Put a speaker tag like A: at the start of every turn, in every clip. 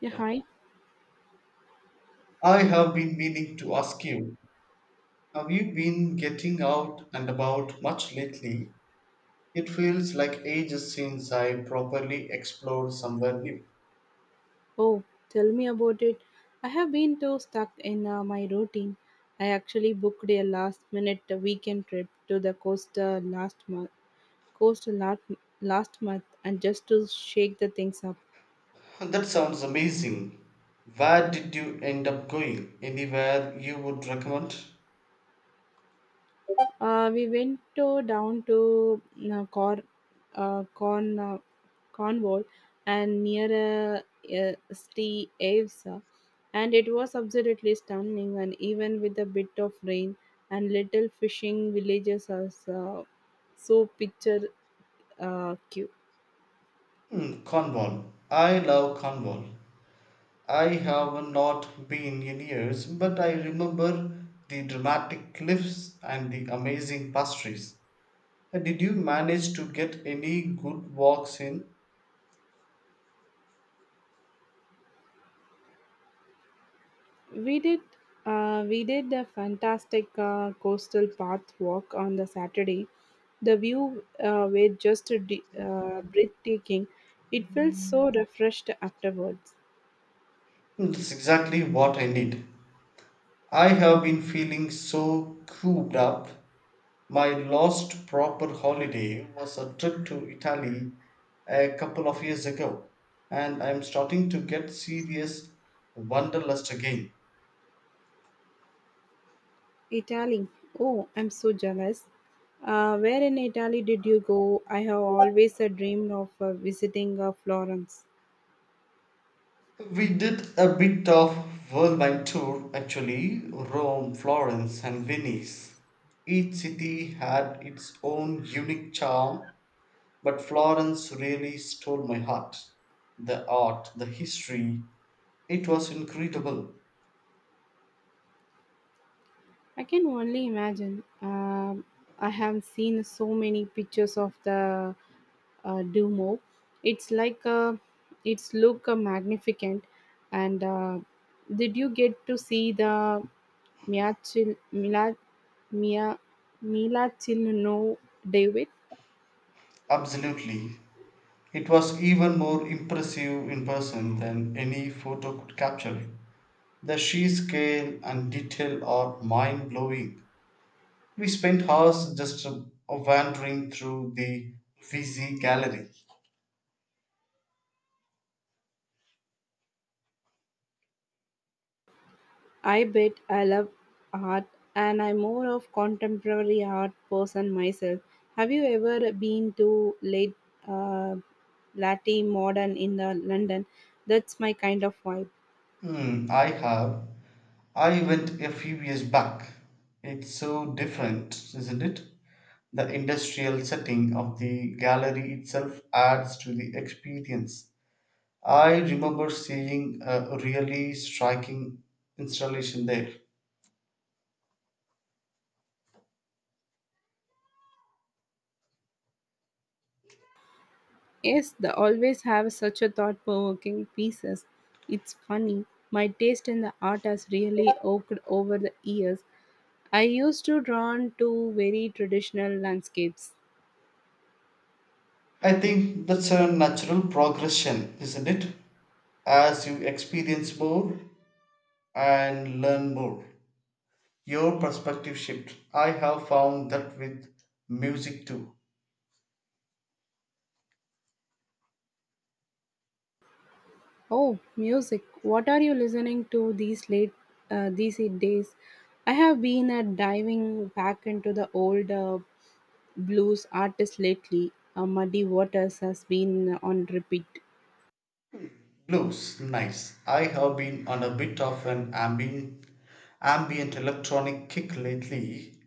A: Yeah, hi.
B: I have been meaning to ask you, have you been getting out and about much lately? It feels like ages since I properly explored somewhere new.
A: Oh, tell me about it. I have been too stuck in my routine. I actually booked a last minute weekend trip to the coast last month. Coast last, last month and just to shake the things up.
B: That sounds amazing. Where did you end up going? Anywhere you would recommend?
A: We went to down to uh, Cor uh, Corn uh, Cornwall and near uh, St. Ives, and it was absolutely stunning. And even with a bit of rain and little fishing villages are so picture cute.
B: Hmm, Cornwall. I love Cornwall. I have not been in years, but I remember the dramatic cliffs and the amazing pastries. Did you manage to get any good walks in?
A: We did we did a fantastic coastal path walk on the Saturday. The view were just breathtaking. It felt so refreshed afterwards.
B: Hmm, that's exactly what I need. I have been feeling so cooped up. My last proper holiday was a trip to Italy a couple of years ago, and I'm starting to get serious wanderlust again.
A: Italy. Oh, I'm so jealous. Where in Italy did you go? I have always dreamed of visiting Florence.
B: We did a bit of whirlwind tour actually Rome, Florence, and Venice. Each city had its own unique charm, but Florence really stole my heart. The art, the history, it was incredible,
A: I can only imagine. I have seen so many pictures of the Duomo. It's like it's look magnificent. And did you get to see the Mia Mia Mia Mila David?
B: absolutely. It was even more impressive in person than any photo could capture. The sheer scale and detail are mind blowing. We spent hours just wandering through the Uffizi Gallery.
A: I bet I love art and I'm more of contemporary art person myself. Have you ever been to late uh, latte modern in the London? That's my kind of vibe.
B: Hmm, I have. I went a few years back. It's so different, isn't it? The industrial setting of the gallery itself adds to the experience. I remember seeing a really striking installation there.
A: Yes, they always have such a thought provoking pieces. It's funny. My taste in the art has really oaked over the years. I used to drawn to very traditional landscapes.
B: I think that's a natural progression, isn't it? As you experience more and learn more, your perspective shift. I have found that with music too.
A: Oh, music. What are you listening to these days? I have been diving back into the old blues artists lately. Muddy Waters has been on repeat.
B: Blues, nice. I have been on a bit of an ambient electronic kick lately.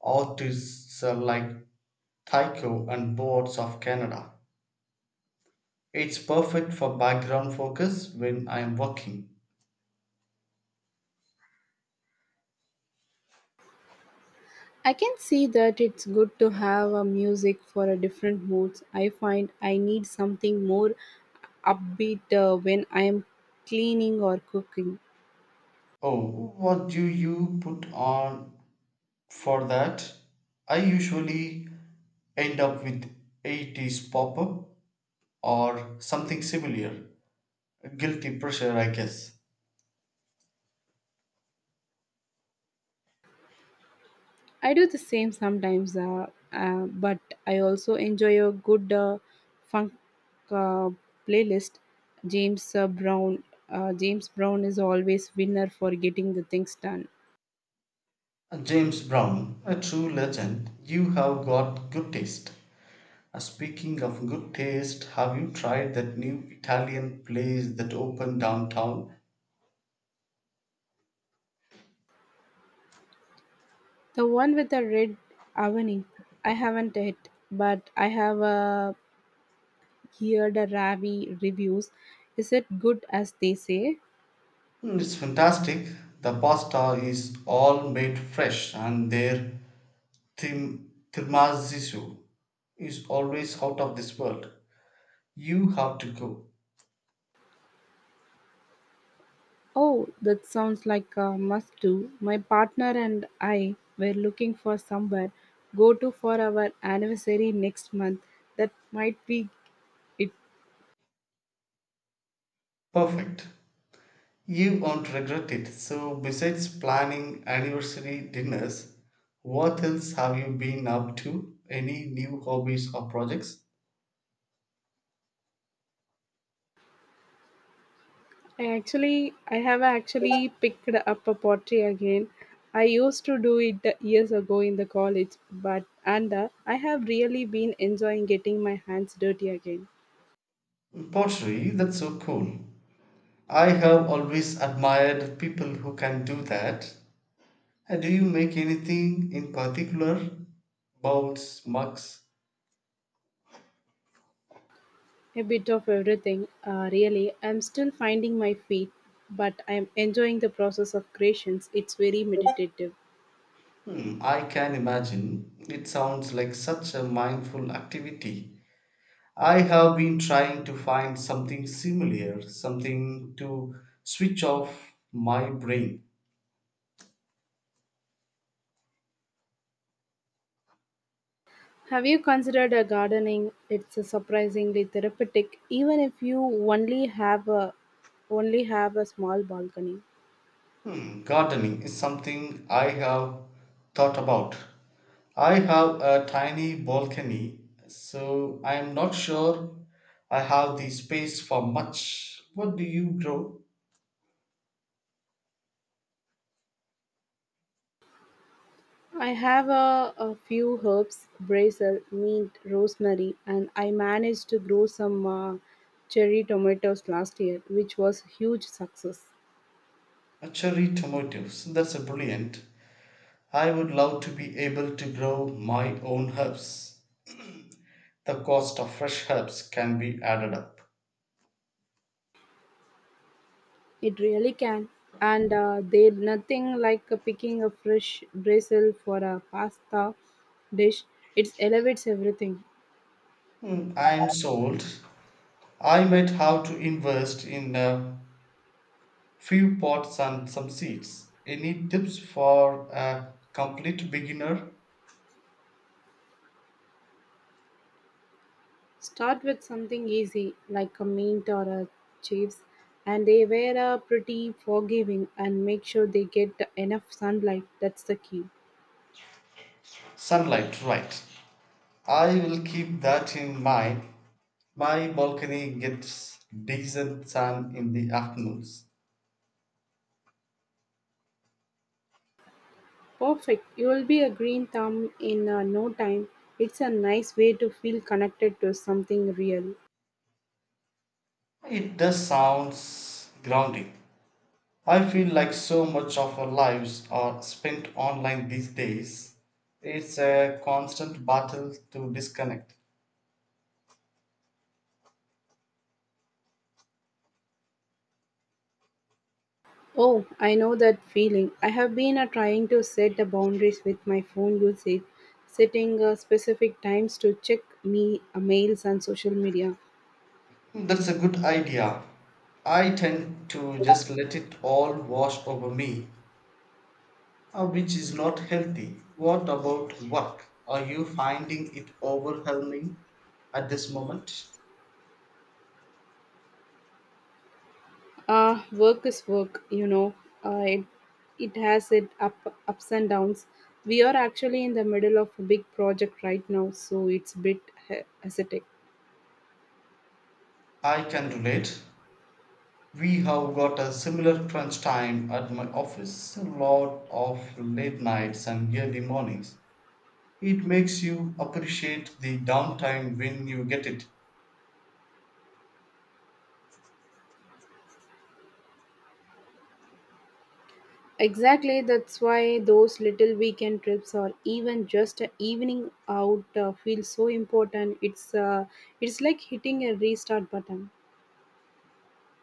B: Artists are like Tycho and Boards of Canada. It's perfect for background focus when I'm working.
A: I can see that it's good to have a music for a different moods. I find I need something more upbeat when I am cleaning or cooking.
B: Oh, what do you put on for that? I usually end up with 80s pop up or something similar. Guilty pressure, I guess.
A: I do the same sometimes, but I also enjoy a good funk uh, playlist. James uh, Brown, James Brown is always winner for getting the things done.
B: James Brown, a true legend, you have got good taste. Speaking of good taste, have you tried that new Italian place that opened downtown?
A: The one with the red awning, I haven't yet, but I have heard a Ravi reviews. Is it good as they say?
B: Mm, it's fantastic. The pasta is all made fresh, and their tiramisu is always out of this world. You have to go.
A: Oh, that sounds like a must do. My partner and I were looking for somewhere go to for our anniversary next month. That might be it.
B: Perfect. You won't regret it. So, besides planning anniversary dinners, what else have you been up to? Any new hobbies or projects?
A: I have actually picked up a pottery again. I used to do it years ago in the college, but and I have really been enjoying getting my hands dirty again.
B: Pottery, that's so cool. I have always admired people who can do that. And do you make anything in particular? Bowls, mugs?
A: A bit of everything, really. I'm still finding my feet, but I'm enjoying the process of creations. It's very meditative.
B: Hmm, I can imagine. It sounds like such a mindful activity. I have been trying to find something similar, something to switch off my brain.
A: Have you considered a gardening? It's a surprisingly therapeutic, even if you only have a only have a small balcony.
B: Hmm, gardening is something I have thought about. I have a tiny balcony, so I am not sure I have the space for much. What do you grow?
A: I have a few herbs, basil, mint, rosemary, and I managed to grow some cherry tomatoes last year, which was a huge success.
B: A cherry tomatoes. That's a brilliant. I would love to be able to grow my own herbs. The cost of fresh herbs can be added up.
A: It really can. And there's nothing like picking a fresh basil for a pasta dish. It elevates everything.
B: Mm, I'm sold. I might have to invest in a few pots and some seeds. Any tips for a complete beginner?
A: Start with something easy like a mint or a chips, and they were pretty forgiving and make sure they get enough sunlight. That's the key.
B: Sunlight, right. I will keep that in mind. My balcony gets decent sun in the afternoons.
A: Perfect. You will be a green thumb in no time. It's a nice way to feel connected to something real.
B: It does sounds grounding. I feel like so much of our lives are spent online these days. It's a constant battle to disconnect.
A: Oh, I know that feeling. I have been trying to set the boundaries with my phone usage, setting specific times to check me mails and social media.
B: That's a good idea. I tend to just let it all wash over me, which is not healthy. What about work? Are you finding it overwhelming at this moment?
A: Work is work, you know. Uh, it, it has its ups and downs. We are actually in the middle of a big project right now, so it's a bit hectic.
B: I can relate. We have got a similar crunch time at my office, a lot of late nights and early mornings. It makes you appreciate the downtime when you get it.
A: Exactly, that's why those little weekend trips or even just an evening out feels so important. It's like hitting a restart button.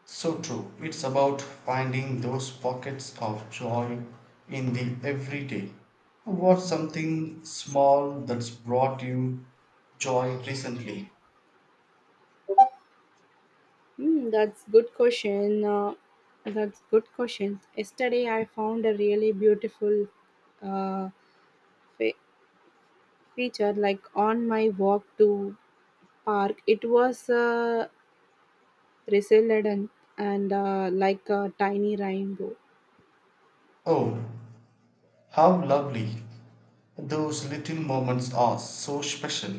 B: So true. It's about finding those pockets of joy in the everyday. What's something small that's brought you joy recently?
A: Hmm, that's good question. That's good question. Yesterday I found a really beautiful uh, fe- feature like on my walk to park. It was resilient and like a tiny rainbow.
B: Oh, how lovely. Those little moments are so special.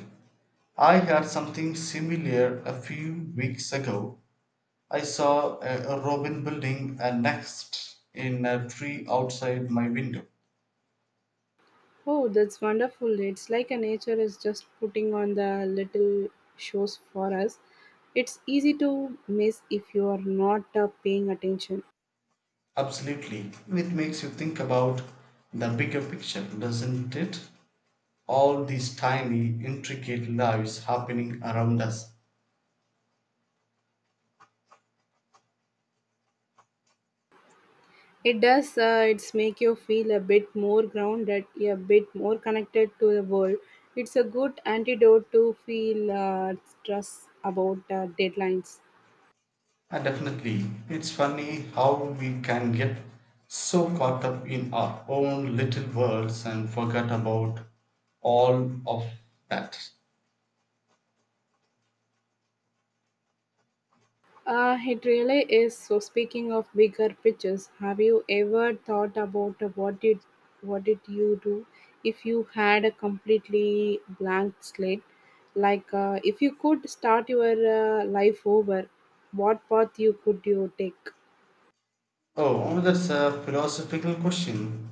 B: I had something similar a few weeks ago. I saw a robin building a nest in a tree outside my window.
A: Oh, that's wonderful. It's like a nature is just putting on the little shows for us. It's easy to miss if you are not paying attention.
B: Absolutely. It makes you think about the bigger picture, doesn't it? All these tiny, intricate lives happening around us.
A: It does, it's make you feel a bit more grounded, a bit more connected to the world. It's a good antidote to feel stress about deadlines.
B: And definitely, it's funny how we can get so caught up in our own little worlds and forget about all of that.
A: It really is. So, speaking of bigger pictures, have you ever thought about what did you do if you had a completely blank slate? Like, if you could start your life over, what path you could you take?
B: Oh, that's a philosophical question.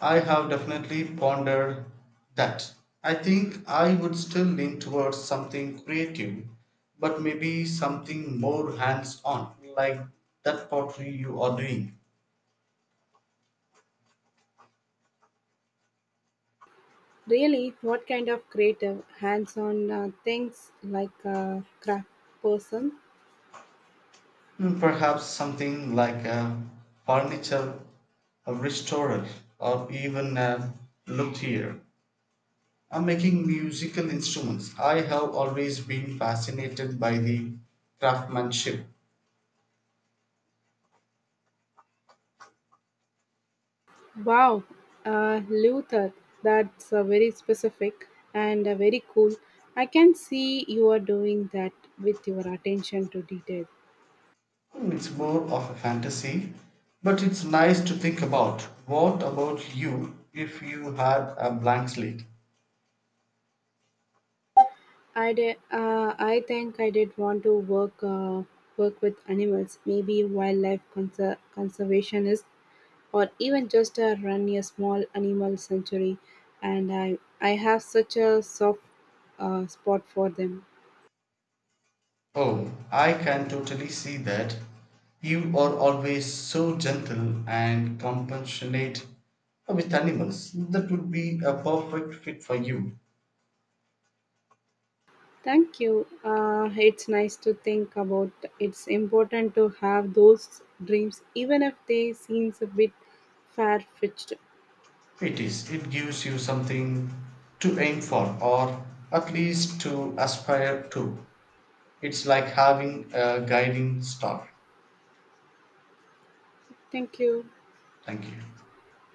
B: I have definitely pondered that. I think I would still lean towards something creative, but maybe something more hands on, like that pottery you are doing.
A: Really, what kind of creative, hands-on things like a craft person?
B: Hmm, perhaps something like a furniture a restorer, or even a luthier. I'm making musical instruments. I have always been fascinated by the craftsmanship.
A: Wow, Luther, that's very specific and very cool. I can see you are doing that with your attention to detail.
B: "It's more of a fantasy, but it's nice to think about. What about you if you had a blank slate?"
A: I did, I think I did want to work work with animals, maybe wildlife conservationist, or even just run a small animal sanctuary. And I have such a soft spot for them.
B: "Oh, I can totally see that. You are always so gentle and compassionate with animals. That would be a perfect fit for you."
A: Thank you. It's nice to think about. It's important to have those dreams, even if they seems a bit far fetched.
B: "It is. It gives you something to aim for, or at least to aspire to. It's like having a guiding star."
A: Thank you.
B: Thank you.